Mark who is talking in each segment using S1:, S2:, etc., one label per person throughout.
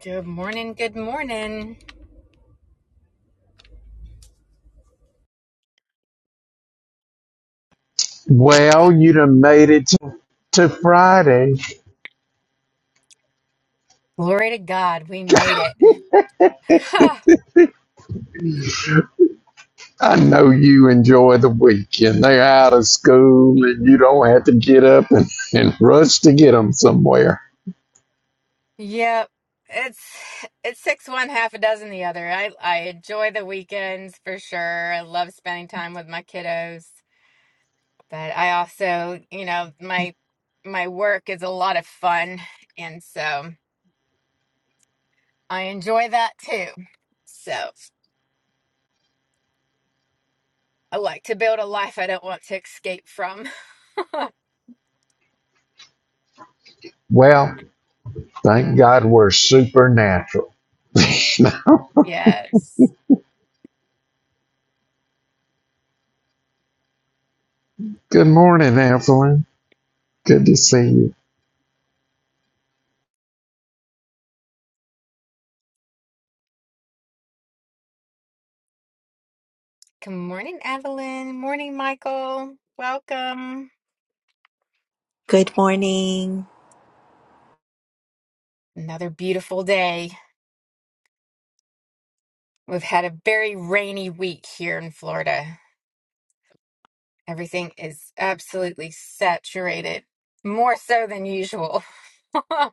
S1: Good morning. Good morning.
S2: Well, you done made it to, to Friday.
S1: Glory to God, we made it. Huh.
S2: I know you enjoy the weekend. They're out of school and you don't have to get up and, and rush to get them somewhere.
S1: Yep. It's it's six one, half a dozen the other. I I enjoy the weekends for sure. I love spending time with my kiddos, but I also, you know, my my work is a lot of fun, and so I enjoy that too. So I like to build a life I don't want to escape from.
S2: Well, thank God we're supernatural.
S1: yes.
S2: Good morning, Evelyn. Good to see you.
S1: Good morning, Evelyn. Morning, Michael. Welcome.
S3: Good morning.
S1: Another beautiful day. We've had a very rainy week here in Florida. Everything is absolutely saturated, more so than usual.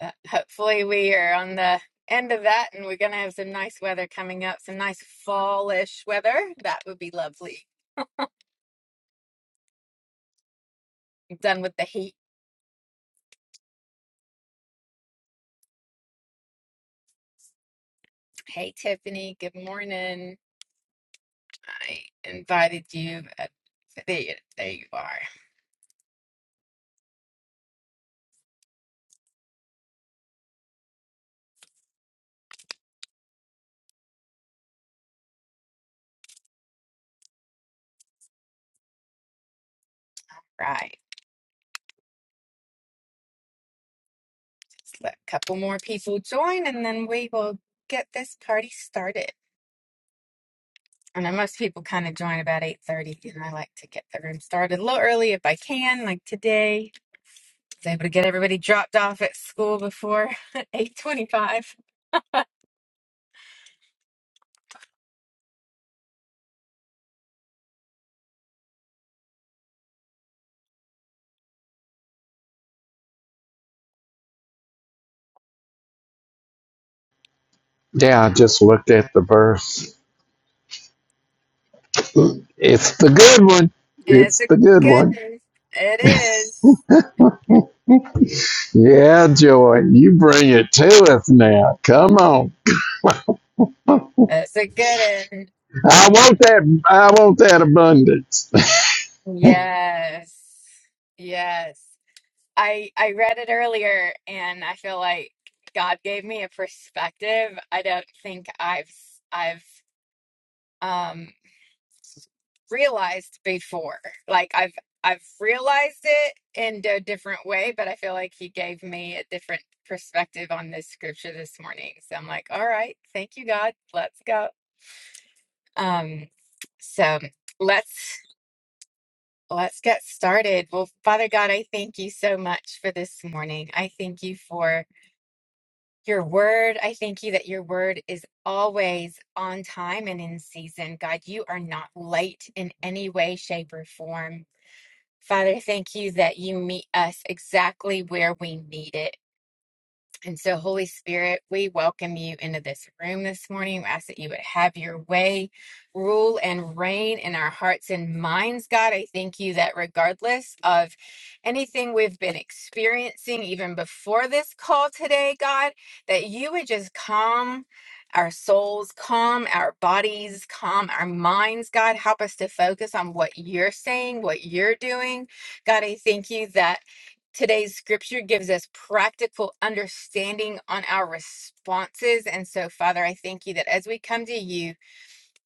S1: But Hopefully, we are on the end of that and we're going to have some nice weather coming up, some nice fallish weather. That would be lovely. I'm done with the heat. Hey, Tiffany, good morning. I invited you. Uh, There you, there you are. Right. let a couple more people join and then we will get this party started. I know most people kind of join about 8:30 and I like to get the room started a little early if I can, like today. I was able to get everybody dropped off at school before 8:25.
S2: Yeah, I just looked at the verse. It's the good one.
S1: It's
S2: It's
S1: a
S2: the good
S1: good
S2: one.
S1: one. It is.
S2: Yeah, Joy, you bring it to us now. Come on.
S1: It's a good one.
S2: I want that I want that abundance.
S1: Yes. Yes. I I read it earlier and I feel like God gave me a perspective I don't think I've I've um realized before. Like I've I've realized it in a different way, but I feel like he gave me a different perspective on this scripture this morning. So I'm like, all right, thank you God. Let's go. Um so let's let's get started. Well, Father God, I thank you so much for this morning. I thank you for Your word, I thank you that your word is always on time and in season. God, you are not late in any way, shape, or form. Father, thank you that you meet us exactly where we need it. And so, Holy Spirit, we welcome you into this room this morning. We ask that you would have your way, rule and reign in our hearts and minds, God. I thank you that regardless of anything we've been experiencing, even before this call today, God, that you would just calm. Our souls, calm our bodies, calm our minds. God, help us to focus on what you're saying, what you're doing. God, I thank you that Today's scripture gives us practical understanding on our responses. And so, Father, I thank you that as we come to you,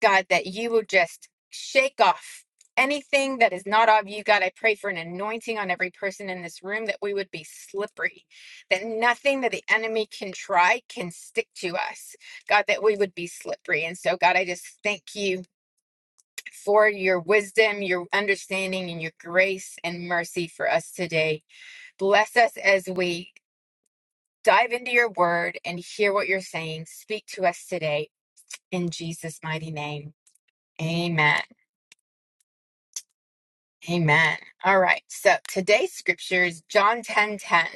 S1: God, that you will just shake off anything that is not of you. God, I pray for an anointing on every person in this room that we would be slippery, that nothing that the enemy can try can stick to us. God, that we would be slippery. And so, God, I just thank you for your wisdom, your understanding, and your grace and mercy for us today. Bless us as we dive into your word and hear what you're saying. Speak to us today in Jesus' mighty name. Amen. Amen. All right. So today's scripture is John 10 10.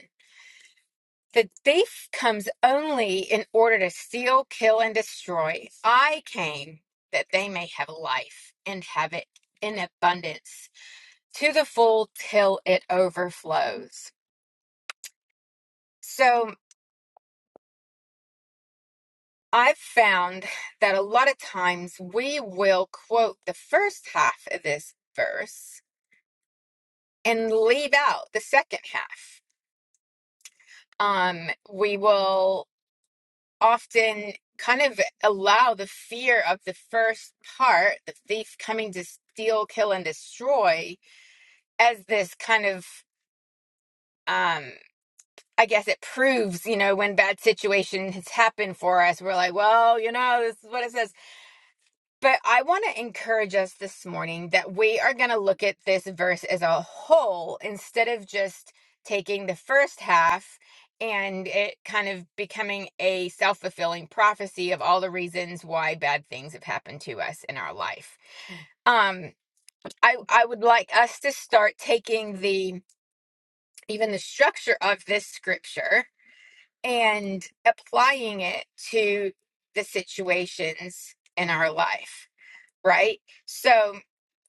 S1: The thief comes only in order to steal, kill, and destroy. I came that they may have life and have it in abundance to the full till it overflows. So I've found that a lot of times we will quote the first half of this verse and leave out the second half. Um, we will often kind of allow the fear of the first part, the thief coming to steal, kill, and destroy, as this kind of, um, I guess it proves, you know, when bad situations happen for us, we're like, well, you know, this is what it says. But I want to encourage us this morning that we are going to look at this verse as a whole instead of just taking the first half and it kind of becoming a self fulfilling prophecy of all the reasons why bad things have happened to us in our life. Um, I, I would like us to start taking the even the structure of this scripture and applying it to the situations in our life, right? So,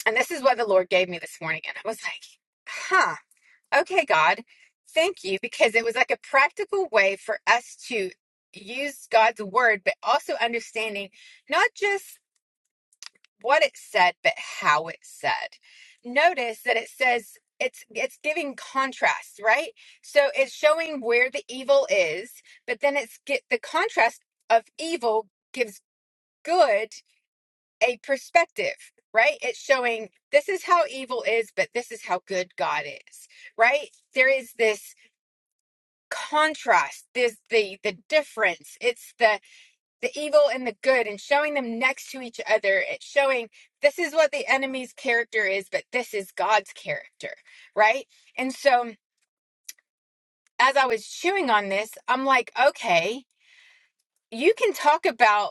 S1: and this is what the Lord gave me this morning. And I was like, huh, okay, God, thank you. Because it was like a practical way for us to use God's word, but also understanding not just what it said, but how it said. Notice that it says, it's it's giving contrast, right? So it's showing where the evil is, but then it's get the contrast of evil gives good a perspective, right? It's showing this is how evil is, but this is how good God is, right? There is this contrast, this the the difference. It's the the evil and the good and showing them next to each other. It's showing this is what the enemy's character is, but this is God's character, right? And so as I was chewing on this, I'm like, okay, you can talk about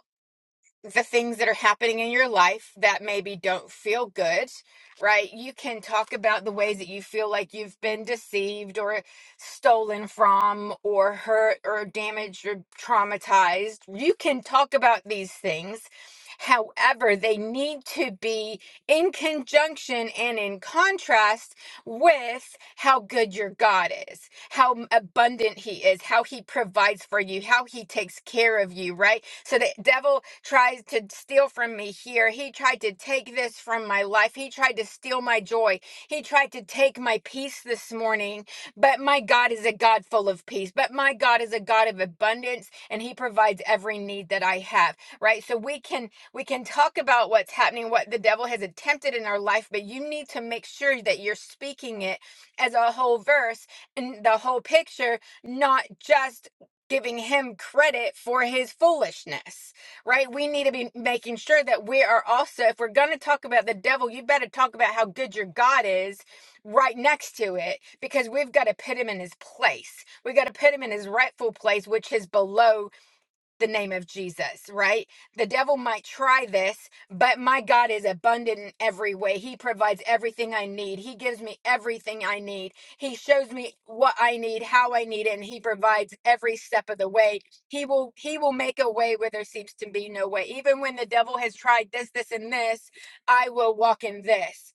S1: the things that are happening in your life that maybe don't feel good, right? You can talk about the ways that you feel like you've been deceived or stolen from or hurt or damaged or traumatized. You can talk about these things. However, they need to be in conjunction and in contrast with how good your God is how m- abundant he is, how he provides for you, how he takes care of you, right? So the devil tries to steal from me here. He tried to take this from my life. He tried to steal my joy. He tried to take my peace this morning. But my God is a God full of peace. But my God is a God of abundance and he provides every need that I have, right? So we can we can talk about what's happening, what the devil has attempted in our life, but you need to make sure that you're speaking it as a whole verse and the whole picture, not just giving him credit for his foolishness, right? We need to be making sure that we are also, if we're going to talk about the devil, you better talk about how good your God is right next to it because we've got to put him in his place. We got to put him in his rightful place, which is below the name of Jesus, right? The devil might try this, but my God is abundant in every way. He provides everything I need. He gives me everything I need. He shows me what I need, how I need it, and he provides every step of the way. He will he will make a way where there seems to be no way. Even when the devil has tried this, this and this, I will walk in this.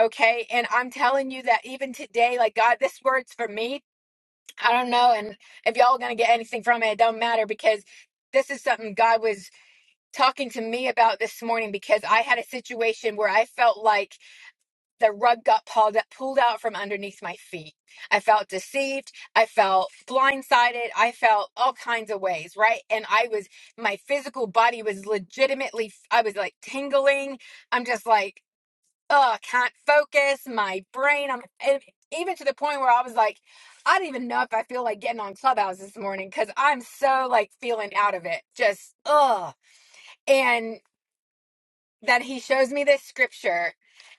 S1: Okay? And I'm telling you that even today, like God, this word's for me I don't know. And if y'all are going to get anything from it, it don't matter because this is something God was talking to me about this morning because I had a situation where I felt like the rug got pulled, pulled out from underneath my feet. I felt deceived. I felt blindsided. I felt all kinds of ways, right? And I was, my physical body was legitimately, I was like tingling. I'm just like, oh, I can't focus my brain. I'm and even to the point where I was like, I don't even know if I feel like getting on Clubhouse this morning because I'm so like feeling out of it. Just ugh. And then he shows me this scripture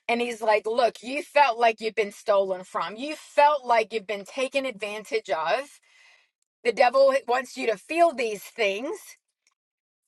S1: and he's like, Look, you felt like you've been stolen from. You felt like you've been taken advantage of. The devil wants you to feel these things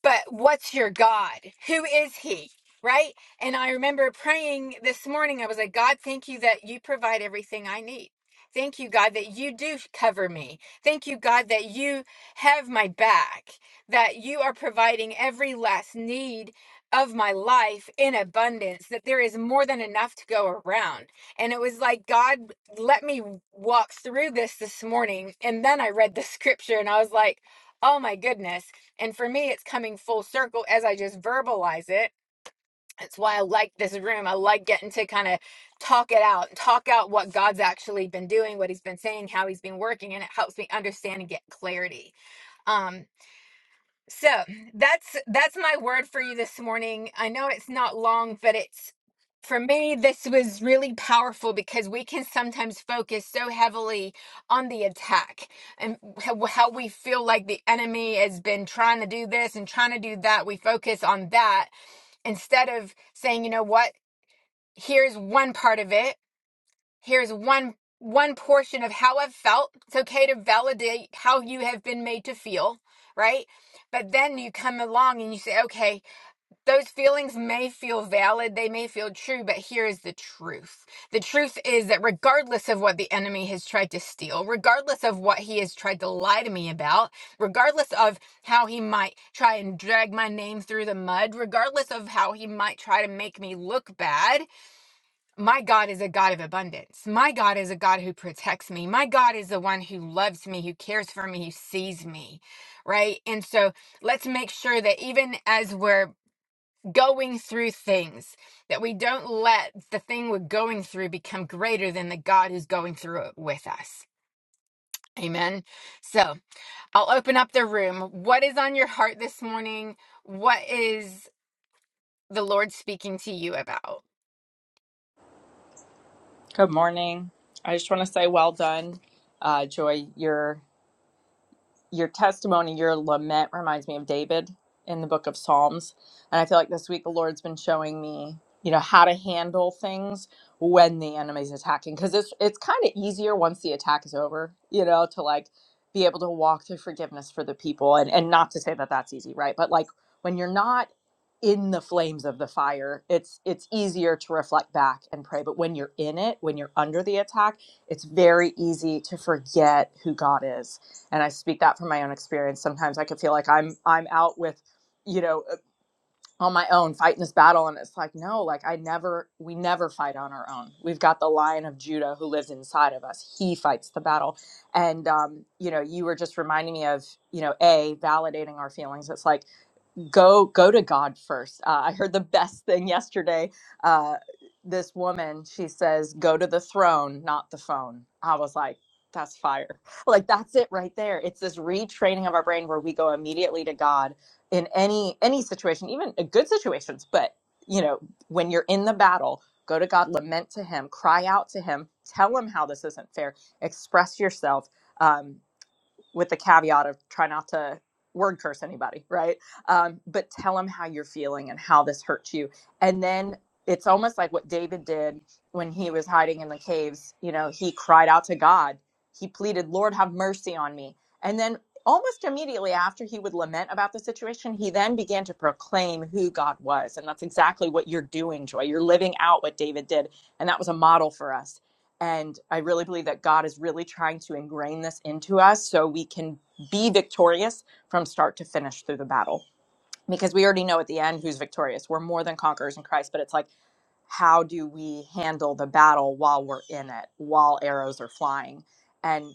S1: but what's your God? Who is He? Right? And I remember praying this morning. I was like, God, thank you that you provide everything I need. Thank you, God, that you do cover me. Thank you, God, that you have my back, that you are providing every last need of my life in abundance, that there is more than enough to go around. And it was like, God, let me walk through this this morning. And then I read the scripture and I was like, oh my goodness and for me, it's coming full circle as I just verbalize it. That's why I like this room. I like getting to kind of talk it out, talk out what God's actually been doing, what He's been saying, how He's been working, and it helps me understand and get clarity. Um, so that's that's my word for you this morning. I know it's not long, but it's for me this was really powerful because we can sometimes focus so heavily on the attack and how, how we feel like the enemy has been trying to do this and trying to do that. We focus on that instead of saying, you know what? Here's one part of it here's one one portion of how i've felt it's okay to validate how you have been made to feel right but then you come along and you say okay those feelings may feel valid they may feel true but here is the truth the truth is that regardless of what the enemy has tried to steal regardless of what he has tried to lie to me about regardless of how he might try and drag my name through the mud regardless of how he might try to make me look bad my God is a God of abundance. My God is a God who protects me. My God is the one who loves me, who cares for me, who sees me, right? And so let's make sure that even as we're going through things, that we don't let the thing we're going through become greater than the God who's going through it with us. Amen. So I'll open up the room. What is on your heart this morning? What is the Lord speaking to you about?
S4: Good morning. I just want to say well done, uh, Joy. Your your testimony, your lament reminds me of David in the book of Psalms. And I feel like this week the Lord's been showing me, you know, how to handle things when the enemy's attacking. Because it's it's kind of easier once the attack is over, you know, to like be able to walk through forgiveness for the people. And and not to say that that's easy, right? But like when you're not in the flames of the fire it's it's easier to reflect back and pray but when you're in it when you're under the attack it's very easy to forget who god is and i speak that from my own experience sometimes i could feel like i'm i'm out with you know uh, on my own fighting this battle and it's like no like i never we never fight on our own we've got the lion of judah who lives inside of us he fights the battle and um, you know you were just reminding me of you know a validating our feelings it's like go go to god first uh, i heard the best thing yesterday uh, this woman she says go to the throne not the phone i was like that's fire like that's it right there it's this retraining of our brain where we go immediately to god in any any situation even uh, good situations but you know when you're in the battle go to god lament to him cry out to him tell him how this isn't fair express yourself Um, with the caveat of try not to word curse anybody, right? Um, but tell them how you're feeling and how this hurts you. And then it's almost like what David did when he was hiding in the caves. You know, he cried out to God, he pleaded, Lord, have mercy on me. And then almost immediately after he would lament about the situation, he then began to proclaim who God was. And that's exactly what you're doing, Joy. You're living out what David did. And that was a model for us. And I really believe that God is really trying to ingrain this into us so we can be victorious from start to finish through the battle. Because we already know at the end who's victorious. We're more than conquerors in Christ, but it's like, how do we handle the battle while we're in it, while arrows are flying? And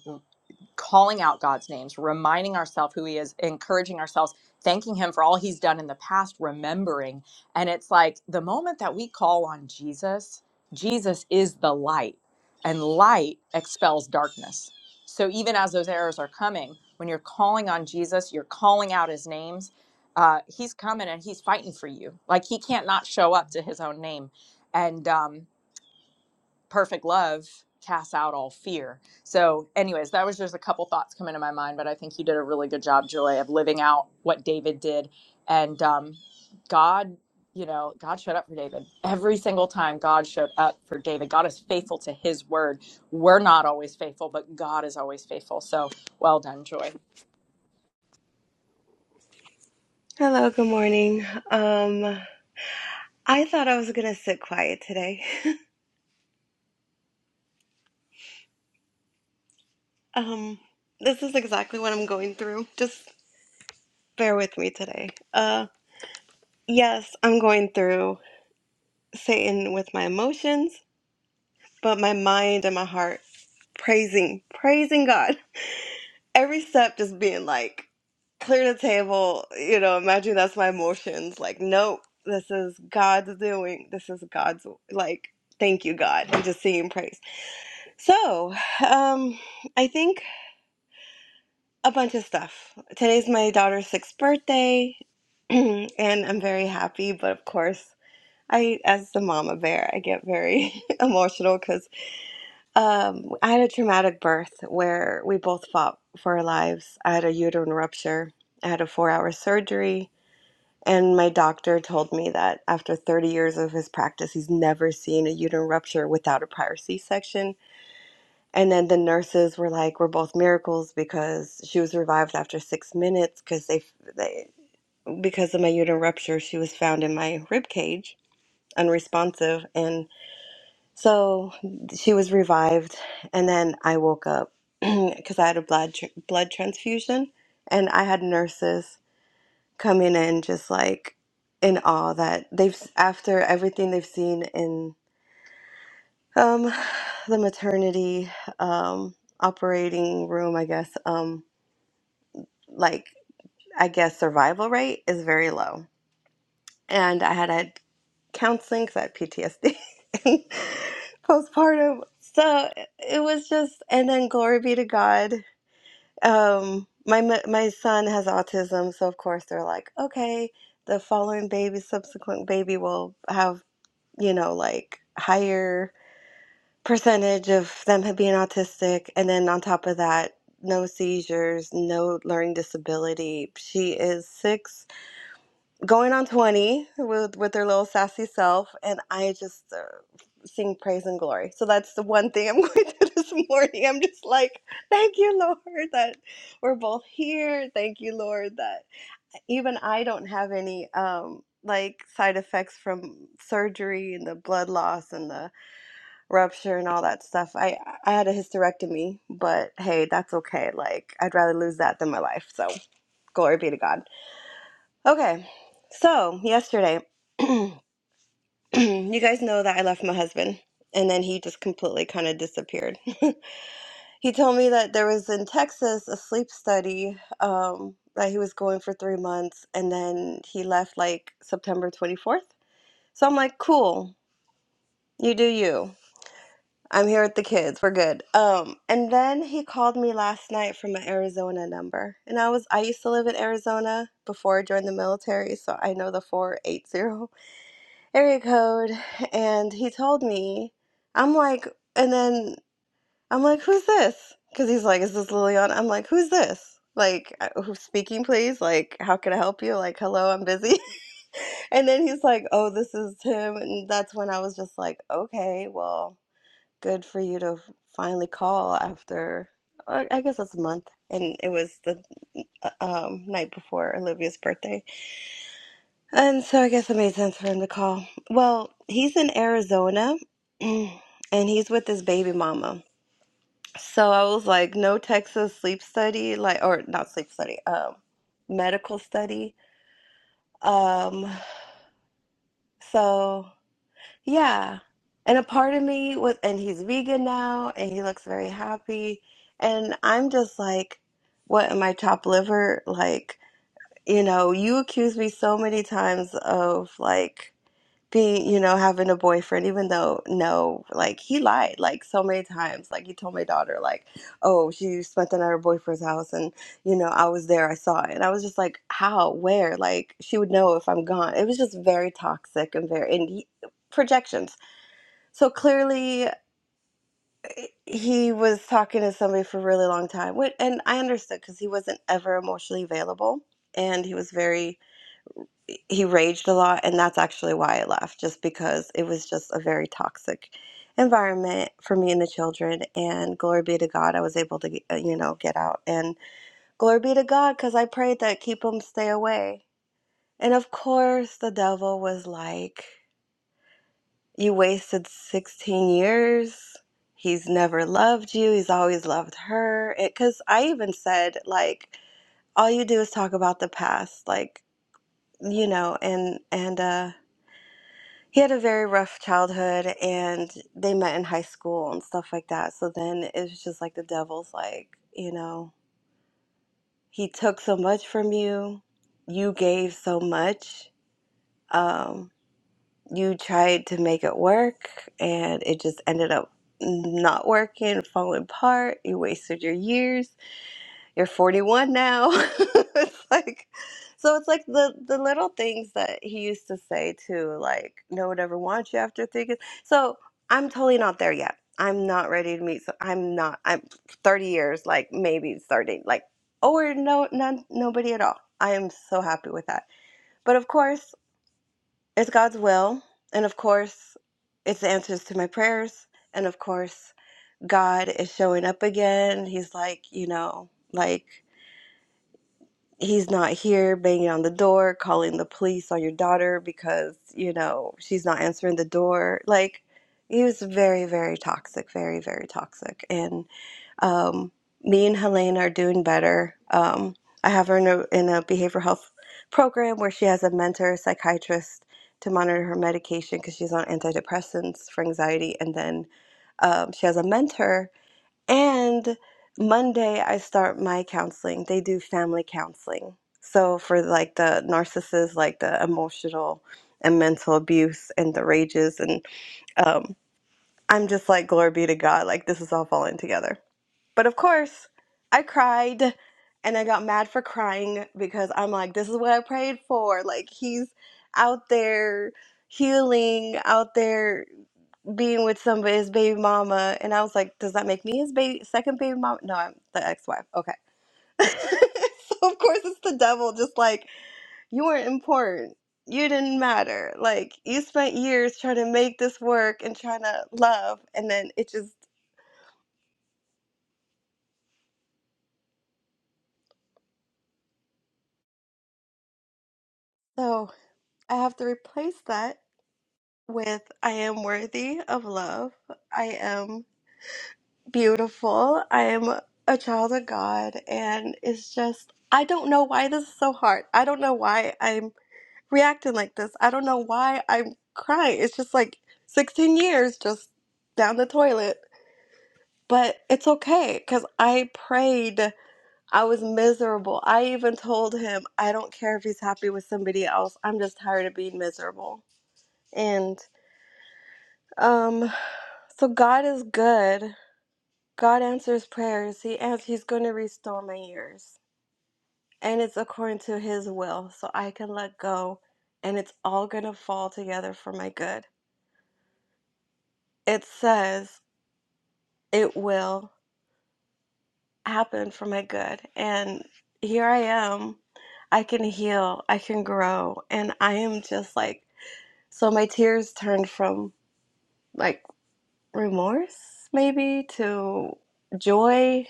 S4: calling out God's names, reminding ourselves who He is, encouraging ourselves, thanking Him for all He's done in the past, remembering. And it's like the moment that we call on Jesus, Jesus is the light, and light expels darkness. So even as those errors are coming, when you're calling on Jesus, you're calling out His names. Uh, he's coming and he's fighting for you. Like he can't not show up to his own name, and um, perfect love casts out all fear. So, anyways, that was just a couple thoughts coming to my mind, but I think you did a really good job, Joy, of living out what David did. And um, God, you know, God showed up for David. Every single time God showed up for David, God is faithful to his word. We're not always faithful, but God is always faithful. So, well done, Joy.
S5: Hello, good morning. Um, I thought I was gonna sit quiet today. Um, this is exactly what I'm going through. Just bear with me today. Uh, yes, I'm going through Satan with my emotions, but my mind and my heart praising, praising God. Every step just being like, clear the table, you know, imagine that's my emotions. Like, nope, this is God's doing. This is God's, like, thank you, God, and just singing praise So, um, I think a bunch of stuff. Today's my daughter's sixth birthday, and I'm very happy. But of course, I, as the mama bear, I get very emotional because um, I had a traumatic birth where we both fought for our lives. I had a uterine rupture. I had a four-hour surgery, and my doctor told me that after 30 years of his practice, he's never seen a uterine rupture without a prior C-section And then the nurses were like, "We're both miracles because she was revived after six minutes because they, they because of my uterine rupture, she was found in my rib cage, unresponsive, and so she was revived. And then I woke up because I had a blood tr blood transfusion, and I had nurses coming in just like in awe that they've after everything they've seen in. Um, the maternity um, operating room, I guess, um, like, I guess survival rate is very low. And I had had counseling because I had PTSD and postpartum. So it was just, and then glory be to God. Um, my m- my son has autism, so of course they're like, okay, the following baby, subsequent baby will have, you know, like higher. percentage of them had being autistic and then on top of that no seizures no learning disability she is six going on 20 with with her little sassy self and i just uh, sing praise and glory so that's the one thing i'm going to do this morning i'm just like thank you lord that we're both here thank you lord that even i don't have any um like side effects from surgery and the blood loss and the rupture and all that stuff. I I had a hysterectomy, but hey, that's okay. Like I'd rather lose that than my life. So glory be to God. Okay, so yesterday, you guys know that I left my husband, and then he just completely kind of disappeared. He told me that there was in Texas a sleep study um, that he was going for three months, and then he left like September twenty fourth. So I'm like, cool, you do you. I'm here with the kids. We're good. Um, and then he called me last night from an Arizona number. And I was I used to live in Arizona before I joined the military, so I know the 480 area code. And he told me, I'm like, and then I'm like, who's this? Because he's like, is this Liliana? I'm like, who's this? Like, uh, who's speaking, please? Like, how can I help you? Like, hello, I'm busy. and then he's like, oh, this is Tim. And that's when I was just like, okay, well good for you to finally call after, uh, I guess it's a month. And it was the uh, um, night before Olivia's birthday. And so I guess it made sense for him to call. Well, he's in Arizona and he's with his baby mama. So I was like, no Texas sleep study, like, or not sleep study, um, medical study. Um, so. Yeah. And a part of me with and he's vegan now and he looks very happy and I'm just like what am I chopped liver like you know you accused me so many times of like being you know having a boyfriend even though no like he lied like so many times like he told my daughter like oh she spent the night at her boyfriend's house and you know I was there I saw it and I was just like how where like she would know if I'm gone it was just very toxic and very and he, projections so clearly, he was talking to somebody for a really long time. Wh- And I understood because he wasn't ever emotionally available. And he was very, he raged a lot. And that's actually why I left, just because it was just a very toxic environment for me and the children. And glory be to God, I was able to, get- uh, you know, get out. And glory be to God, because I prayed that keep him stay away. And of course, the devil was like, You wasted 16 years. He's never loved you. He's always loved her. Because I even said, like, all you do is talk about the past, like, you know, and, and, uh, he had a very rough childhood and they met in high school and stuff like that. So then it was just like the devil's like, you know, he took so much from you, you gave so much. Um, you tried to make it work and it just ended up not working, falling apart. You wasted your years. You're 41 now. it's like, so it's like the, the little things that he used to say too, like, no one ever wants you after three kids. So I'm totally not there yet. I'm not ready to meet. So I'm not, I'm 30 years, like maybe starting, like, or no, none, nobody at all. I am so happy with that. But of course, it's God's will. And of course, it's the answers to my prayers. And of course, God is showing up again. He's like, you know, like he's not here banging on the door, calling the police on your daughter because, you know, she's not answering the door. Like, he was very, very toxic, very, very toxic. and. Um, me and Helene are doing better. Um, I have her in a, in a behavioral health program where she has a mentor psychiatrist to monitor her medication because she's on antidepressants for anxiety, and then um, she has a mentor. And Monday, I start my counseling. They do family counseling. So for like the narcissists, like the emotional and mental abuse and the rages, and um, I'm just like, glory be to God, like this is all falling together. But of course, I cried and I got mad for crying because I'm like, this is what I prayed for. Like, he's out there healing, out there being with somebody, his baby mama. And I was like, does that make me his baby, second baby mama? No, I'm the ex wife. Okay. so, of course, it's the devil, just like, you weren't important. You didn't matter. Like, you spent years trying to make this work and trying to love. And then it just, so I have to replace that with I am worthy of love. I am beautiful. I am a child of God. And it's just, I don't know why this is so hard. I don't know why I'm reacting like this. I don't know why I'm crying. It's just like 16 years just down the toilet. But it's okay because I prayed. I was miserable. I even told him, I don't care if he's happy with somebody else. I'm just tired of being miserable. And, um. So God is good. God answers prayers. He ans- He's going to restore my years, and it's according to His will, so I can let go, and it's all going to fall together for my good. It says it will happen for my good, and here I am. I can heal. I can grow, and I am just like so. My tears turned from like remorse maybe to joy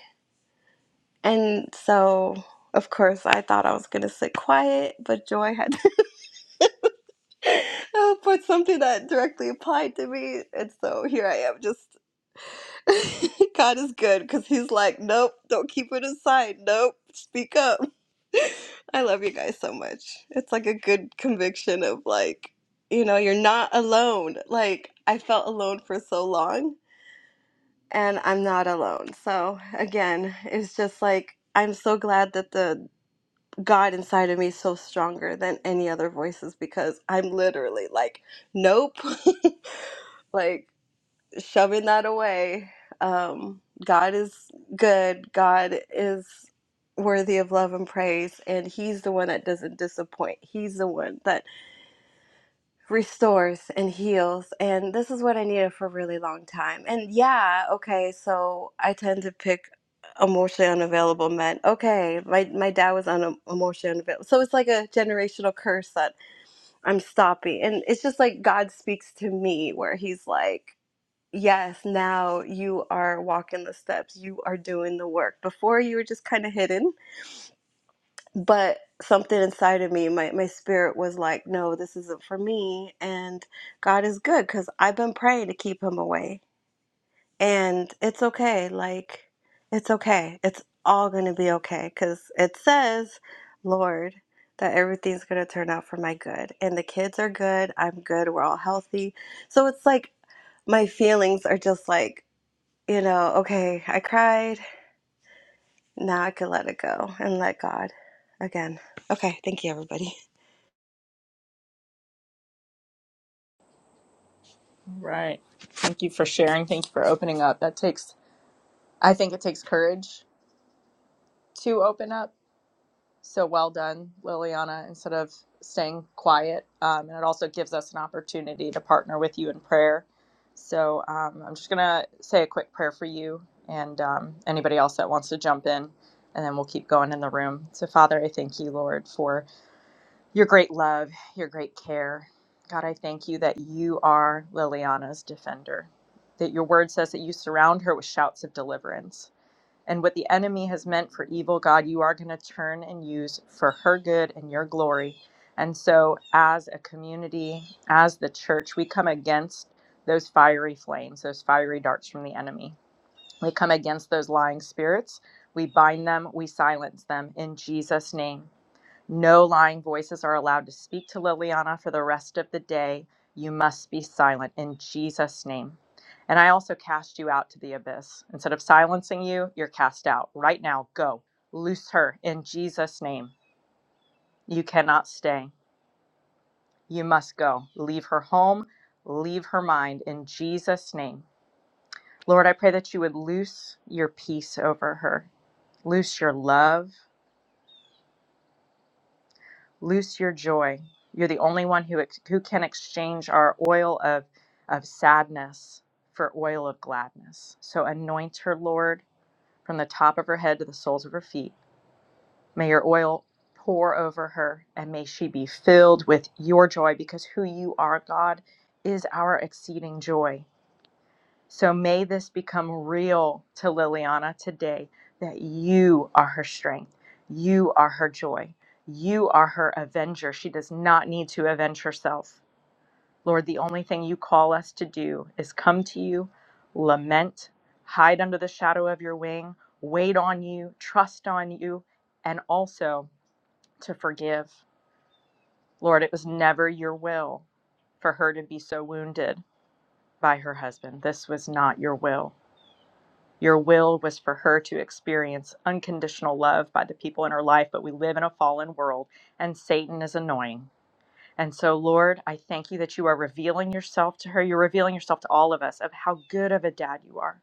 S5: And so, of course, I thought I was going to sit quiet, but Joy had uh, put something that directly applied to me. And so here I am, just God is good because He's like, nope, don't keep it inside. Nope, speak up. I love you guys so much. It's like a good conviction of like, you know, you're not alone. Like, I felt alone for so long and I'm not alone. So again, it's just like I'm so glad that the God inside of me is so stronger than any other voices because I'm literally like, nope, like shoving that away. Um, God is good. God is worthy of love and praise, and He's the one that doesn't disappoint. He's the one that restores and heals and this is what i needed for a really long time and yeah okay so i tend to pick emotionally unavailable men okay my, my dad was un- emotionally unavailable so it's like a generational curse that i'm stopping and it's just like god speaks to me where he's like yes now you are walking the steps you are doing the work before you were just kind of hidden but something inside of me my, my spirit was like no this isn't for me and god is good because i've been praying to keep him away and it's okay like it's okay it's all gonna be okay because it says lord that everything's gonna turn out for my good and the kids are good i'm good we're all healthy so it's like my feelings are just like you know okay i cried now i can let it go and let god again okay thank you everybody
S4: All right. Thank you for sharing. Thank you for opening up. That takes, I think it takes courage to open up So well done, Liliana, instead of staying quiet. Um, and it also gives us an opportunity to partner with you in prayer. So um, I'm just going to say a quick prayer for you and um, anybody else that wants to jump in, and then we'll keep going in the room. So, Father, I thank you, Lord, for your great love, your great care. God, I thank you that you are Liliana's defender, that your word says that you surround her with shouts of deliverance. And what the enemy has meant for evil, God, you are going to turn and use for her good and your glory. And so, as a community, as the church, we come against those fiery flames, those fiery darts from the enemy. We come against those lying spirits. We bind them, we silence them in Jesus' name. No lying voices are allowed to speak to Liliana for the rest of the day. You must be silent in Jesus' name. And I also cast you out to the abyss. Instead of silencing you, you're cast out. Right now, go. Loose her in Jesus' name. You cannot stay. You must go. Leave her home. Leave her mind in Jesus' name. Lord, I pray that you would loose your peace over her, loose your love Loose your joy. You're the only one who, ex- who can exchange our oil of, of sadness for oil of gladness. So anoint her, Lord, from the top of her head to the soles of her feet. May your oil pour over her and may she be filled with your joy because who you are, God, is our exceeding joy. So may this become real to Liliana today that you are her strength, you are her joy, you are her avenger. She does not need to avenge herself. Lord, the only thing you call us to do is come to you, lament, hide under the shadow of your wing, wait on you, trust on you, and also to forgive. Lord, it was never your will for her to be so wounded by her husband. This was not your will. Your will was for her to experience unconditional love by the people in her life, but we live in a fallen world and Satan is annoying. And so, Lord, I thank you that you are revealing yourself to her. You're revealing yourself to all of us of how good of a dad you are.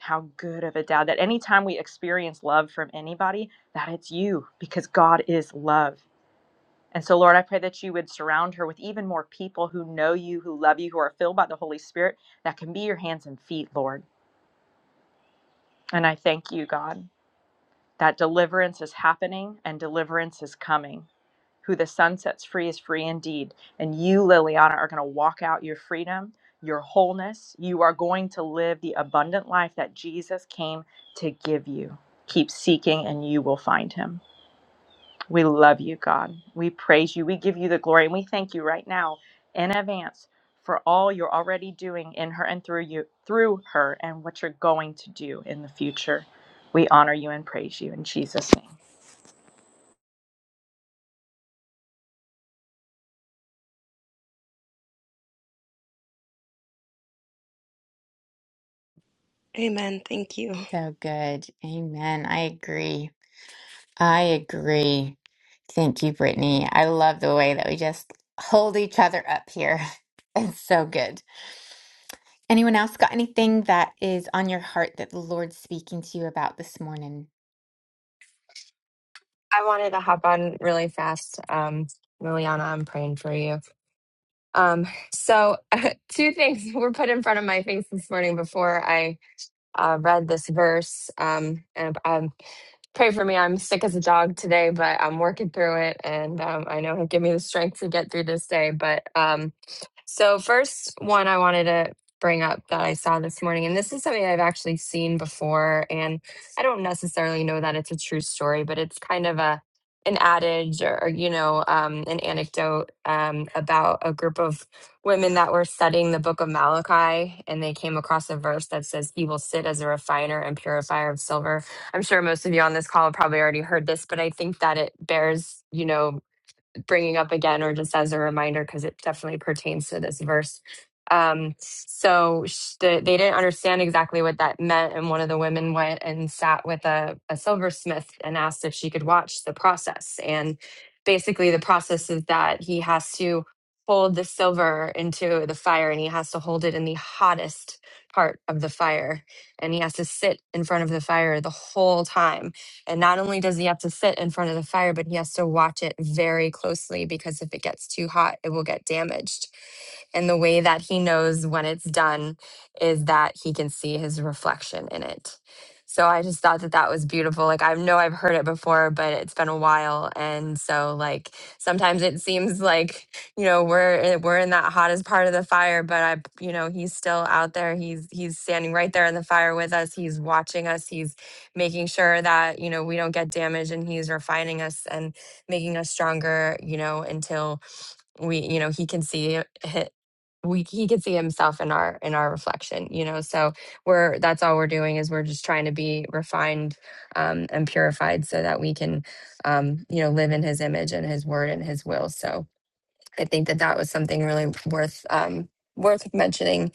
S4: How good of a dad that anytime we experience love from anybody, that it's you because God is love. And so, Lord, I pray that you would surround her with even more people who know you, who love you, who are filled by the Holy Spirit, that can be your hands and feet, Lord. And I thank you, God. that deliverance is happening and deliverance is coming. Who the sun sets free is free indeed. And you, Liliana, are going to walk out your freedom, your wholeness. You are going to live the abundant life that Jesus came to give you. Keep seeking and you will find him. We love you, God. We praise you. We give you the glory and we thank you right now in advance for all you're already doing in her and through you through her and what you're going to do in the future. We honor you and praise you in Jesus name.
S5: Amen. Thank you.
S1: So good. Amen. I agree. I agree. Thank you, Brittany. I love the way that we just hold each other up here. It's so good. Anyone else got anything that is on your heart that the Lord's speaking to you about this morning?
S6: I wanted to hop on really fast. Um, Liliana, I'm praying for you. Um, so, two things were put in front of my face this morning before I uh, read this verse. Um, and um, Pray for me. I'm sick as a dog today, but I'm working through it, and um, I know He'll give me the strength to get through this day. But um, so first one I wanted to bring up that I saw this morning, and this is something I've actually seen before, and I don't necessarily know that it's a true story, but it's kind of a an adage or, or, you know um, an anecdote um, about a group of women that were studying the book of malachi and they came across a verse that says he will sit as a refiner and purifier of silver I'm sure most of you on this call have probably already heard this, but I think that it bears, you know, bringing up again or just as a reminder because it definitely pertains to this verse. Um, so sh- the, they didn't understand exactly what that meant, and one of the women went and sat with a, a silversmith and asked if she could watch the process. And basically, the process is that he has to hold the silver into the fire, and he has to hold it in the hottest part of the fire, and he has to sit in front of the fire the whole time and not only does he have to sit in front of the fire, but he has to watch it very closely because if it gets too hot, it will get damaged. And the way that he knows when it's done is that he can see his reflection in it. So I just thought that that was beautiful. Like I know I've heard it before, but it's been a while, and so like sometimes it seems like you know we're eh, we're in that hottest part of the fire, but I you know he's still out there. He's he's standing right there in the fire with us. He's watching us. He's making sure that you know we don't get damaged and he's refining us and making us stronger you know until we you know he can see it- hi- we he can see himself in our in our reflection you know so we're that's all we're doing is we're just trying to be refined um and purified so that we can um you know live in his image and his word and his will so i think that that was something really worth um worth mentioning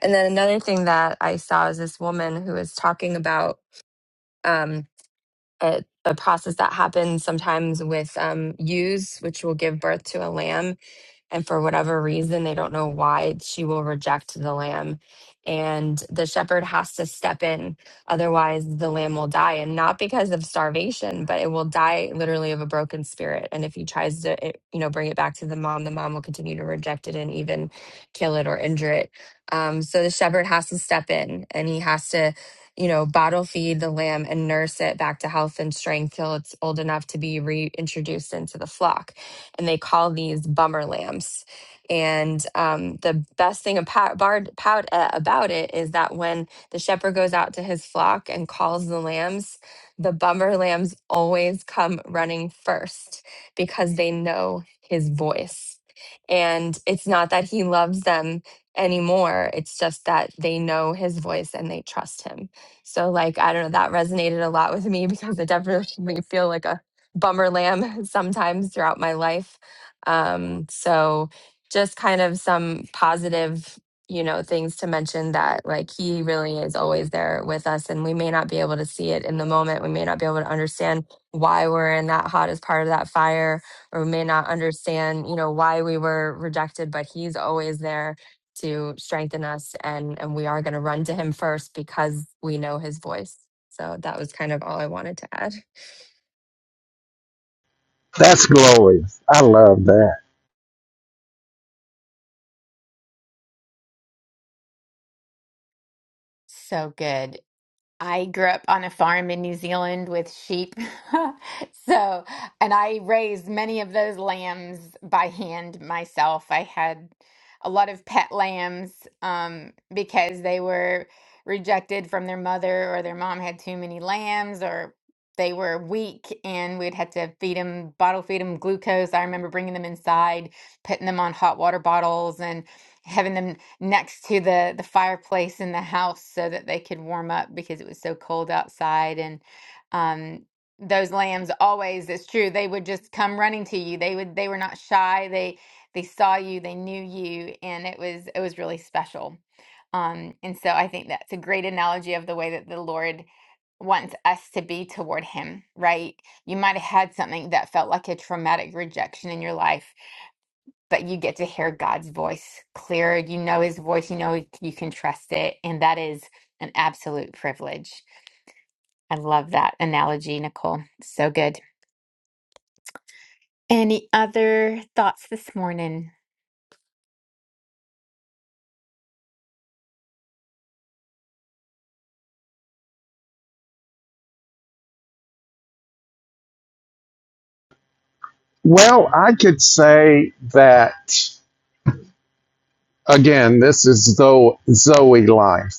S6: and then another thing that i saw is this woman who was talking about um a, a process that happens sometimes with um, ewes, which will give birth to a lamb and for whatever reason they don't know why she will reject the lamb and the shepherd has to step in otherwise the lamb will die and not because of starvation but it will die literally of a broken spirit and if he tries to eh, you know bring it back to the mom the mom will continue to reject it and even kill it or injure it um, so the shepherd has to step in and he has to you know, bottle feed the lamb and nurse it back to health and strength till it's old enough to be reintroduced into the flock and they call these bummer lamps. And um, the best thing about, bard, pout, uh, about it is that when the shepherd goes out to his flock and calls the lambs, the bummer lambs always come running first because they know his voice. And it's not that he loves them anymore, it's just that they know his voice and they trust him. So, like, I don't know, that resonated a lot with me because I definitely feel like a bummer lamb sometimes throughout my life. Um, so just kind of some positive, you know, things to mention that like he really is always there with us and we may not be able to see it in the moment. We may not be able to understand why we're in that hottest part of that fire or we may not understand, you know, why we were rejected, but he's always there to strengthen us and and we are going to run to him first because we know his voice. So that was kind of all I wanted to add.
S2: That's glorious. I love that.
S1: So good. I grew up on a farm in New Zealand with sheep. So, and I raised many of those lambs by hand myself. I had a lot of pet lambs um, because they were rejected from their mother or their mom had too many lambs or they were weak and we'd had to feed them, bottle feed them glucose. I remember bringing them inside, putting them on hot water bottles. and having them next to the the fireplace in the house so that they could warm up because it was so cold outside and um those lambs always it's true they would just come running to you they would they were not shy they they saw you they knew you and it was it was really special um and so i think that's a great analogy of the way that the lord wants us to be toward him right you might have had something that felt like a traumatic rejection in your life but you get to hear God's voice clearer. You know his voice, you know you can trust it. And that is an absolute privilege. I love that analogy, Nicole. So good. Any other thoughts this morning?
S2: Well, I could say that again, this is Zo- Zoe life,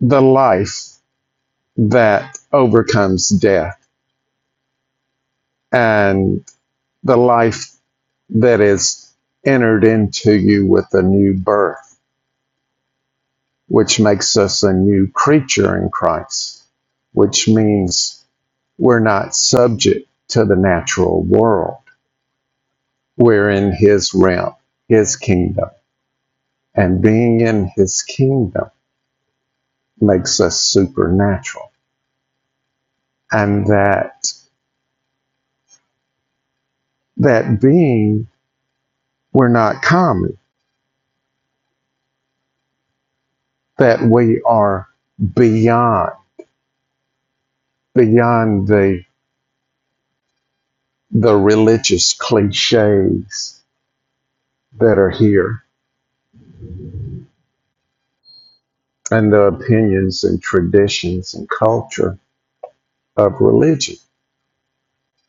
S2: the life that overcomes death, and the life that is entered into you with a new birth, which makes us a new creature in Christ, which means we're not subject to the natural world. We're in his realm, his kingdom and being in his kingdom makes us supernatural and that that being we're not common that we are beyond beyond the the religious cliches that are here and the opinions and traditions and culture of religion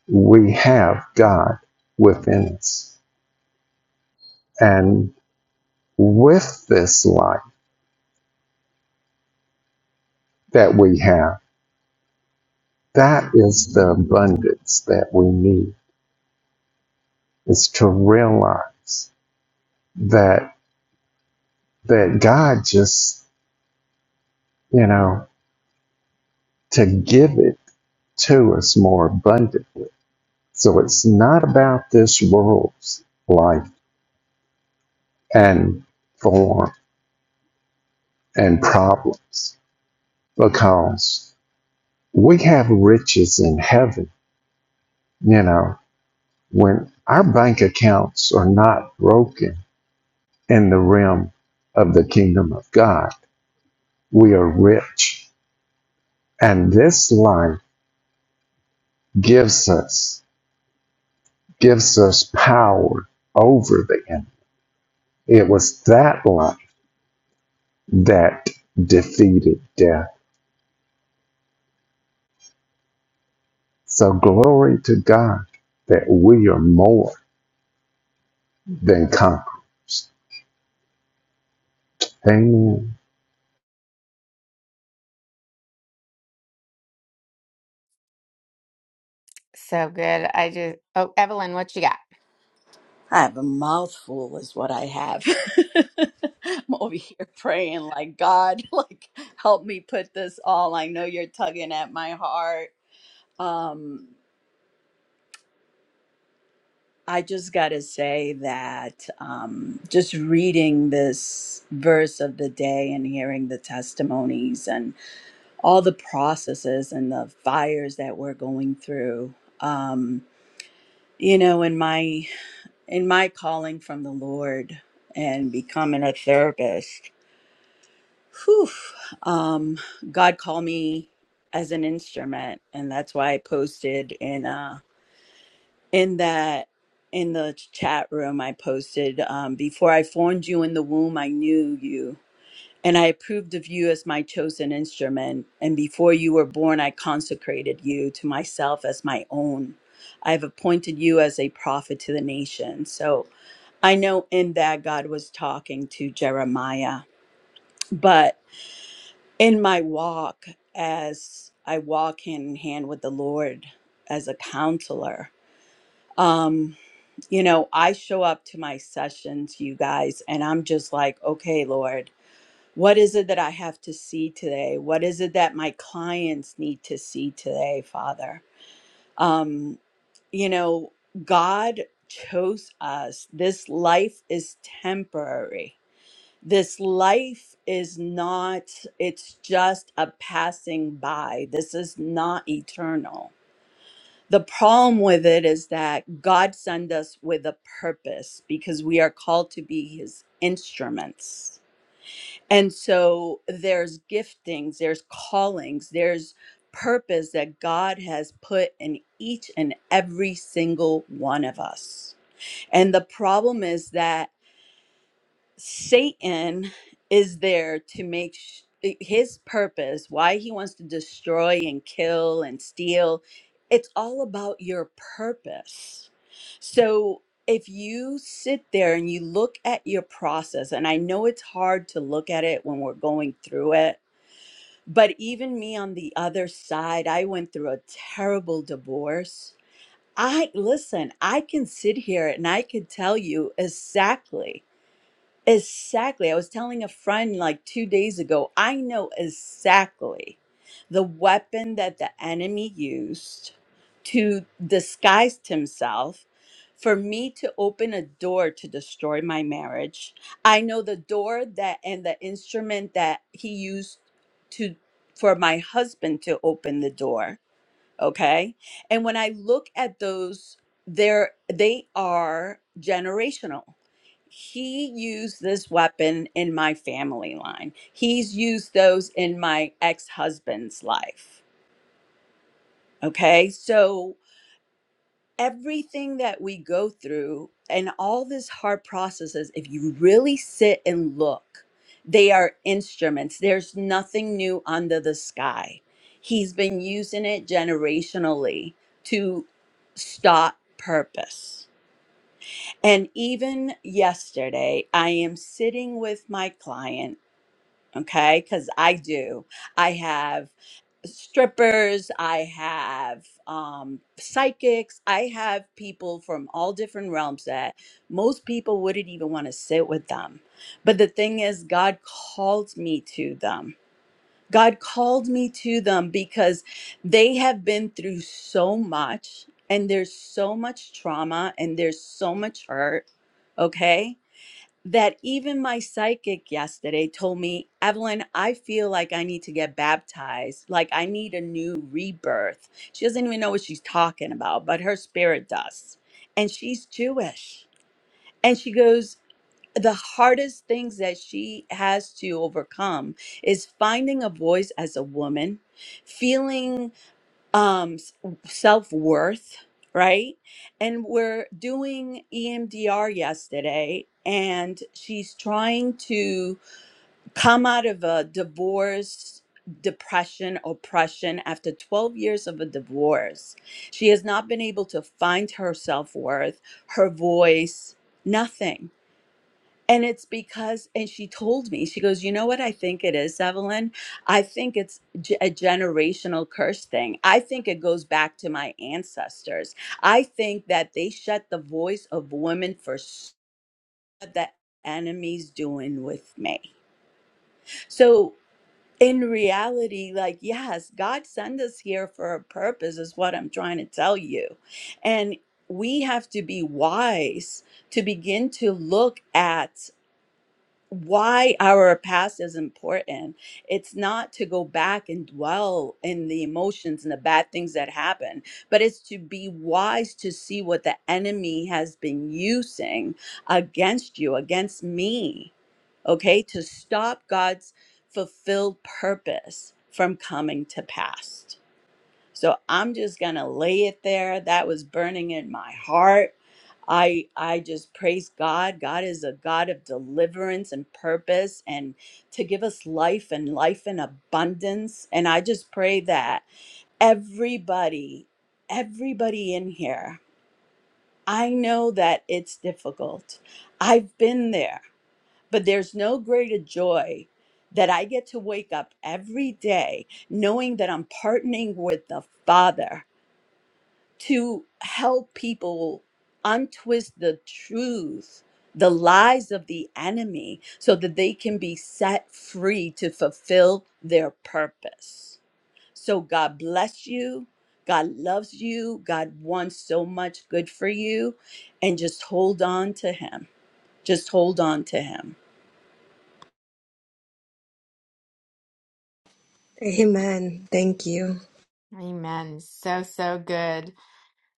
S2: we have god within us and with this life that we have that is the abundance that we need is to realize that that God just you know to give it to us more abundantly. So it's not about this world's life and form and problems because we have riches in heaven. You know when our bank accounts are not broken in the realm of the kingdom of God, we are rich And this life gives us gives us power over the enemy. It was that life that defeated death. So glory to God that we are more than conquerors. Amen.
S1: So good. I just, oh, Evelyn, what you got?
S3: I have a mouthful, is what I have. I'm over here praying, like, God, like, help me put this all. I know you're tugging at my heart. Um, I just got to say that um, just reading this verse of the day and hearing the testimonies and all the processes and the fires that we're going through. Um, you know, in my in my calling from the Lord and becoming a therapist, whew, um, God called me as an instrument, and that's why I posted in uh, in that in the chat room. I posted um, before I formed you in the womb, I knew you. And I approved of you as my chosen instrument. And before you were born, I consecrated you to myself as my own. I have appointed you as a prophet to the nation. So I know in that God was talking to Jeremiah, but in my walk, as I walk hand in hand with the Lord as a counselor, um, you know, I show up to my sessions, you guys, and I'm just like, okay, Lord, what is it that I have to see today? What is it that my clients need to see today, Father? Um, you know, God chose us. This life is temporary this life is not it's just a passing by this is not eternal the problem with it is that god sent us with a purpose because we are called to be his instruments and so there's giftings there's callings there's purpose that god has put in each and every single one of us and the problem is that Satan is there to make sh- eh, his purpose, why he wants to destroy and kill and steal. It's all about your purpose. So if you sit there and you look at your process, and I know it's hard to look at it when we're going through it, but even me on the other side, I went through a terrible divorce. I listen, I can sit here and I can tell you exactly. Exactly. I was telling a friend like two days ago, I know exactly the weapon that the enemy used to disguise himself for me to open a door to destroy my marriage. I know the door that and the instrument that he used to for my husband to open the door okay and when i look at those they're they are generational he used this weapon in my family line he's used those in my ex-husband's life okay so everything that we go through and all this hard processes, if you really sit and look, they are instruments. There's nothing new under the sky. He's been using it generationally to stop purpose. And even yesterday, I am sitting with my client okay because i do i have strippers i have um psychics i have people from all different realms that most people wouldn't even want to sit with them but the thing is god called me to them god called me to them because they have been through so much and there's so much trauma and there's so much hurt okay that even my psychic yesterday told me, Evelyn, I feel like I need to get baptized. Like I need a new rebirth. She doesn't even know what she's talking about, but her spirit does. And she's Jewish. And she goes, the hardest things that she has to overcome is finding a voice as a woman, feeling um self worth, right? And we're doing EMDR yesterday and she's trying to come out of a divorce depression oppression after 12 years of a divorce she has not been able to find her self-worth her voice nothing and it's because, and she told me, she goes, You know what I think it is, Evelyn? I think it's ge- a generational curse thing. I think it goes back to my ancestors. I think that they shut the voice of women for s- what the enemy's doing with me. So, in reality, like, yes, God sent us here for a purpose, is what I'm trying to tell you. And we have to be wise to begin to look at why our past is important. It's not to go back and dwell in the emotions and the bad things that happen, but it's to be wise to see what the enemy has been using against you, against me, okay, to stop God's fulfilled purpose from coming to pass. So I'm just going to lay it there. That was burning in my heart. I I just praise God. God is a God of deliverance and purpose and to give us life and life in abundance. And I just pray that everybody everybody in here. I know that it's difficult. I've been there, but there's no greater joy that I get to wake up every day knowing that I'm partnering with the Father to help people untwist the truth, the lies of the enemy, so that they can be set free to fulfill their purpose. So, God bless you. God loves you. God wants so much good for you. And just hold on to Him. Just hold on to Him.
S5: Amen. Thank you.
S1: Amen. So, so good.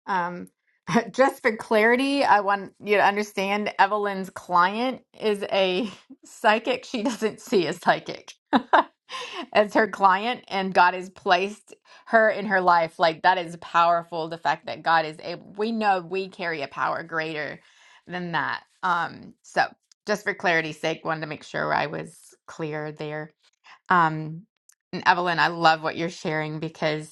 S1: Um, just for clarity, I want you to understand Evelyn's client is a psychic. She doesn't see a psychic as her client, and God has placed her in her life. Like, that is powerful. The fact that God is able, we know we carry a power greater than that. Um, so, just for clarity's sake, wanted to make sure I was clear there. Um, and Evelyn, I love what you're sharing because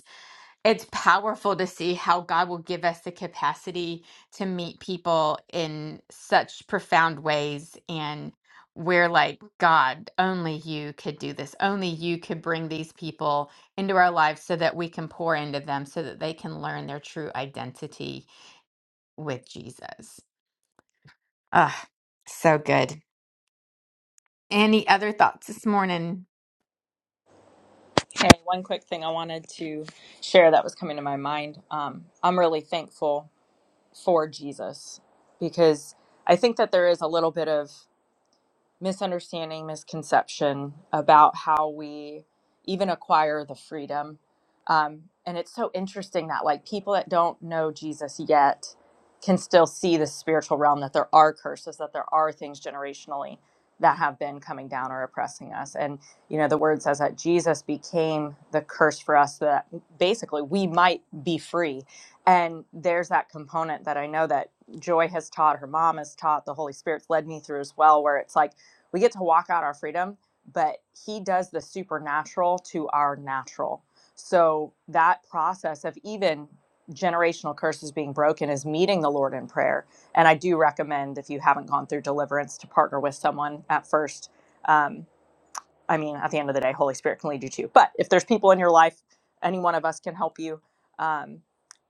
S1: it's powerful to see how God will give us the capacity to meet people in such profound ways. And we're like, God, only you could do this. Only you could bring these people into our lives so that we can pour into them so that they can learn their true identity with Jesus. Ah, so good. Any other thoughts this morning?
S4: Hey, one quick thing I wanted to share that was coming to my mind. Um, I'm really thankful for Jesus because I think that there is a little bit of misunderstanding, misconception about how we even acquire the freedom. Um, and it's so interesting that like people that don't know Jesus yet can still see the spiritual realm that there are curses, that there are things generationally that have been coming down or oppressing us. And you know, the word says that Jesus became the curse for us so that basically we might be free. And there's that component that I know that Joy has taught, her mom has taught, the Holy Spirit's led me through as well, where it's like we get to walk out our freedom, but he does the supernatural to our natural. So that process of even generational curses being broken is meeting the Lord in prayer. And I do recommend if you haven't gone through deliverance to partner with someone at first. Um, I mean, at the end of the day, Holy Spirit can lead you too. But if there's people in your life, any one of us can help you. Um,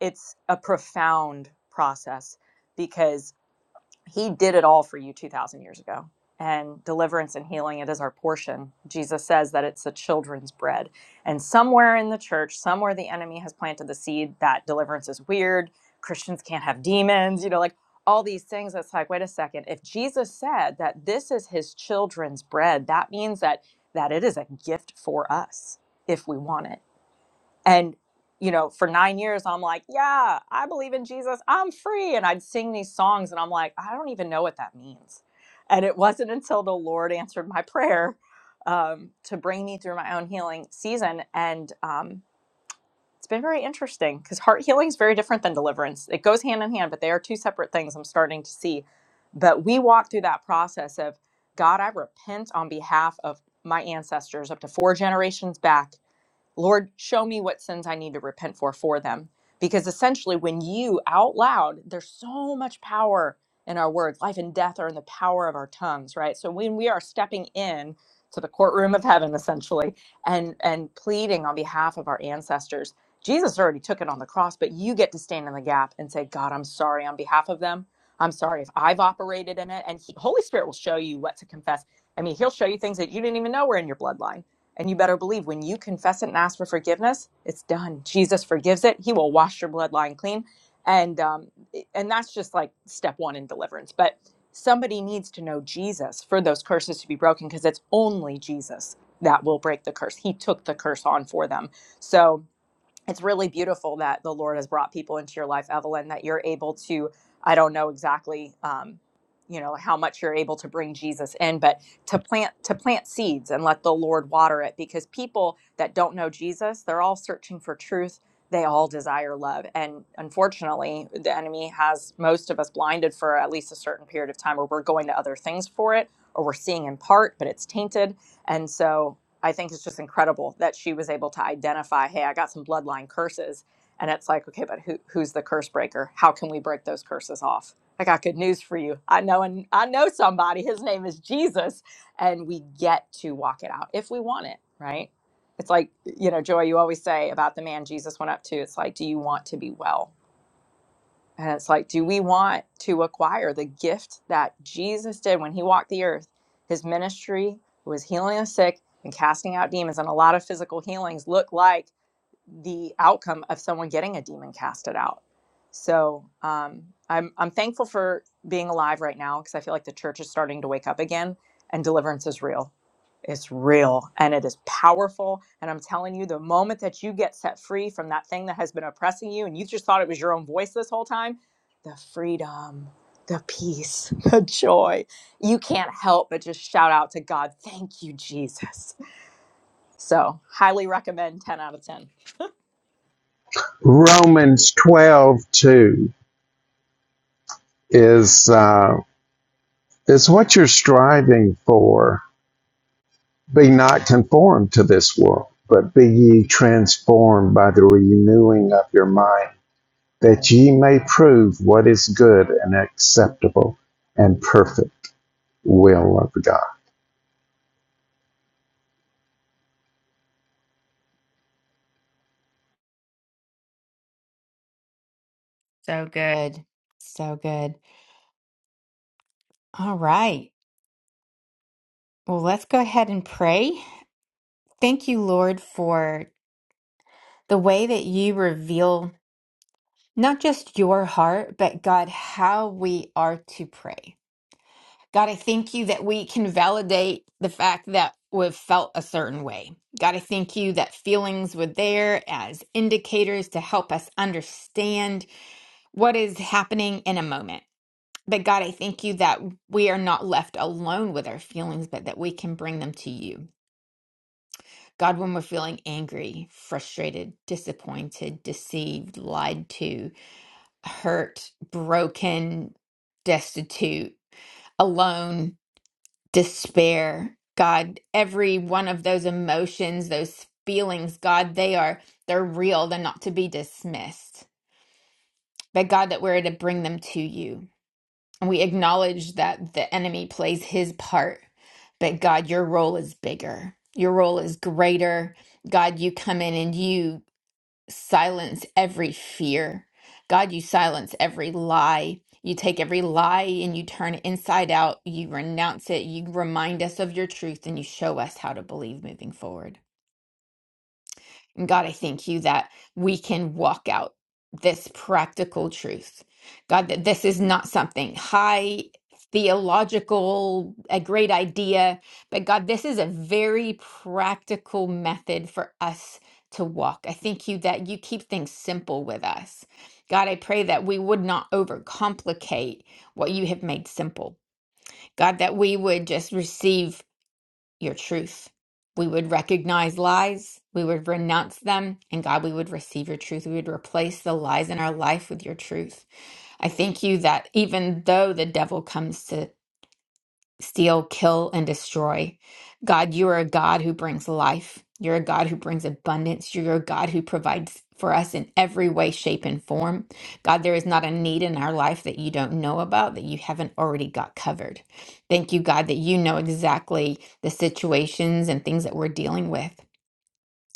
S4: it's a profound process because he did it all for you 2000 years ago and deliverance and healing it is our portion jesus says that it's the children's bread and somewhere in the church somewhere the enemy has planted the seed that deliverance is weird christians can't have demons you know like all these things that's like wait a second if jesus said that this is his children's bread that means that that it is a gift for us if we want it and, you know, for nine years, I'm like, yeah, I believe in Jesus. I'm free. And I'd sing these songs and I'm like, I don't even know what that means. And it wasn't until the Lord answered my prayer um, to bring me through my own healing season. And um, it's been very interesting because heart healing is very different than deliverance. It goes hand in hand, but they are two separate things I'm starting to see. But we walk through that process of God, I repent on behalf of my ancestors up to four generations back Lord, show me what sins I need to repent for for them. Because essentially, when you out loud, there's so much power in our words. Life and death are in the power of our tongues, right? So when we are stepping in to the courtroom of heaven, essentially, and and pleading on behalf of our ancestors, Jesus already took it on the cross, but you get to stand in the gap and say, God, I'm sorry on behalf of them. I'm sorry if I've operated in it. And he, Holy Spirit will show you what to confess. I mean, He'll show you things that you didn't even know were in your bloodline and you better believe when you confess it and ask for forgiveness, it's done. Jesus forgives it. He will wash your bloodline clean. And um, and that's just like step one in deliverance. But somebody needs to know Jesus for those curses to be broken because it's only Jesus that will break the curse. He took the curse on for them. So it's really beautiful that the Lord has brought people into your life, Evelyn, that you're able to, I don't know exactly, um, you know, how much you're able to bring Jesus in, but to plant, to plant seeds and let the Lord water it because people that don't know Jesus, they're all searching for truth. They all desire love. And unfortunately, the enemy has most of us blinded for at least a certain period of time where we're going to other things for it or we're seeing in part, but it's tainted. And so I think it's just incredible that she was able to identify, hey, I got some bloodline curses. And it's like, okay, but who, who's the curse breaker? How can we break those curses off? I got good news for you. I know and I know somebody. His name is Jesus. And we get to walk it out if we want it, right? It's like, you know, Joy, you always say about the man Jesus went up to, it's like, do you want to be well? And it's like, do we want to acquire the gift that Jesus did when he walked the earth? His ministry was healing the sick and casting out demons, and a lot of physical healings look like the outcome of someone getting a demon casted out. So um, I'm I'm thankful for being alive right now because I feel like the church is starting to wake up again, and deliverance is real. It's real and it is powerful. And I'm telling you, the moment that you get set free from that thing that has been oppressing you, and you just thought it was your own voice this whole time, the freedom, the peace, the joy, you can't help but just shout out to God, thank you, Jesus. So, highly recommend 10 out of 10.
S2: Romans twelve two is uh, is what you're striving for. Be not conformed to this world, but be ye transformed by the renewing of your mind that ye may prove what is good and acceptable and perfect will of God.
S1: So good. So good. All right. Well, let's go ahead and pray. Thank you, Lord, for the way that you reveal not just your heart, but God, how we are to pray. God, I thank you that we can validate the fact that we've felt a certain way. God, I thank you that feelings were there as indicators to help us understand what is happening in a moment. But God, I thank you that we are not left alone with our feelings, but that we can bring them to you. God, when we're feeling angry, frustrated, disappointed, deceived, lied to, hurt, broken, destitute, alone, despair. God, every one of those emotions, those feelings, God, they are they're real. They're not to be dismissed. But God, that we're to bring them to you. And we acknowledge that the enemy plays his part, but God, your role is bigger. Your role is greater. God, you come in and you silence every fear. God, you silence every lie. You take every lie and you turn it inside out. You renounce it. You remind us of your truth and you show us how to believe moving forward. And God, I thank you that we can walk out this practical truth. God, that this is not something high theological, a great idea, but God, this is a very practical method for us to walk. I thank you that you keep things simple with us. God, I pray that we would not overcomplicate what you have made simple. God, that we would just receive your truth. We would recognize lies, we would renounce them, and God, we would receive your truth. We would replace the lies in our life with your truth. I thank you that even though the devil comes to steal, kill, and destroy. God, you are a God who brings life. You're a God who brings abundance. You're a God who provides for us in every way, shape, and form. God, there is not a need in our life that you don't know about, that you haven't already got covered. Thank you, God, that you know exactly the situations and things that we're dealing with.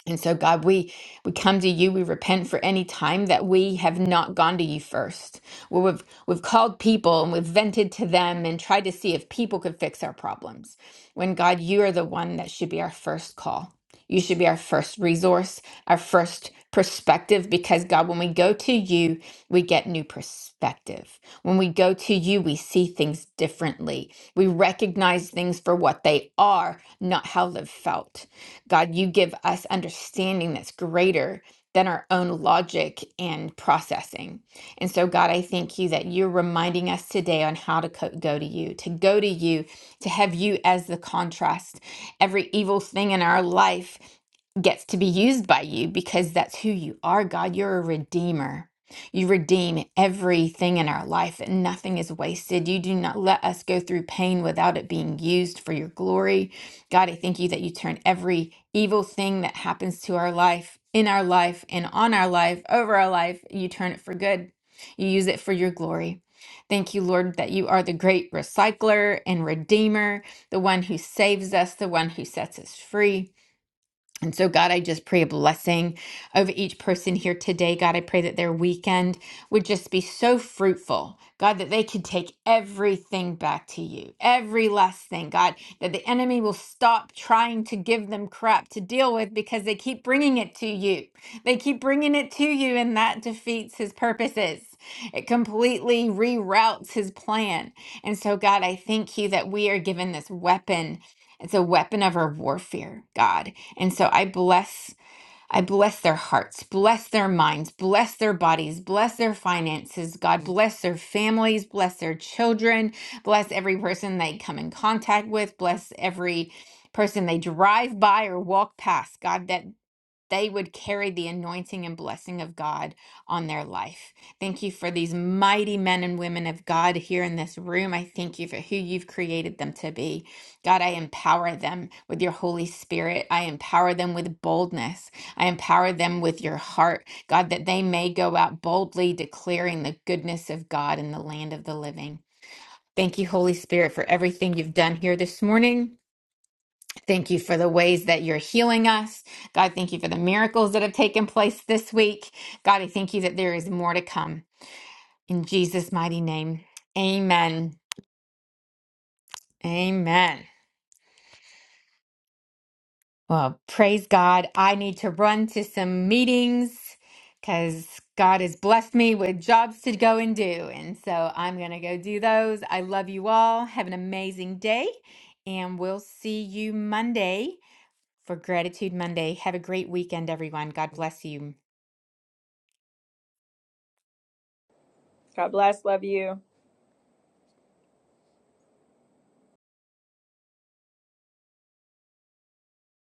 S1: And so, God, we we come to you. We repent for any time that we have not gone to you first, where we've we've called people and we've vented to them and tried to see if people could fix our problems. When God, you are the one that should be our first call. You should be our first resource, our first perspective, because God, when we go to you, we get new perspective. When we go to you, we see things differently. We recognize things for what they are, not how they've felt. God, you give us understanding that's greater than our own logic and processing. And so, God, I thank you that you're reminding us today on how to co- go to you, to go to you, to have you as the contrast. Every evil thing in our life gets to be used by you because that's who you are, God. You're a redeemer. You redeem everything in our life, and nothing is wasted. You do not let us go through pain without it being used for your glory. God, I thank you that you turn every evil thing that happens to our life, in our life, and on our life, over our life, you turn it for good. You use it for your glory. Thank you, Lord, that you are the great recycler and redeemer, the one who saves us, the one who sets us free. And so, God, I just pray a blessing over each person here today. God, I pray that their weekend would just be so fruitful. God, that they could take everything back to you, every last thing. God, that the enemy will stop trying to give them crap to deal with because they keep bringing it to you. They keep bringing it to you, and that defeats his purposes. It completely reroutes his plan. And so, God, I thank you that we are given this weapon it's a weapon of our warfare, God. And so I bless I bless their hearts, bless their minds, bless their bodies, bless their finances, God, bless their families, bless their children, bless every person they come in contact with, bless every person they drive by or walk past, God, that they would carry the anointing and blessing of God on their life. Thank you for these mighty men and women of God here in this room. I thank you for who you've created them to be. God, I empower them with your Holy Spirit. I empower them with boldness. I empower them with your heart, God, that they may go out boldly declaring the goodness of God in the land of the living. Thank you, Holy Spirit, for everything you've done here this morning. Thank you for the ways that you're healing us. God, thank you for the miracles that have taken place this week. God, I thank you that there is more to come. In Jesus' mighty name, amen. Amen. Well, praise God. I need to run to some meetings because God has blessed me with jobs to go and do. And so I'm going to go do those. I love you all. Have an amazing day. And we'll see you Monday for Gratitude Monday. Have a great weekend, everyone. God bless you.
S4: God bless. Love you.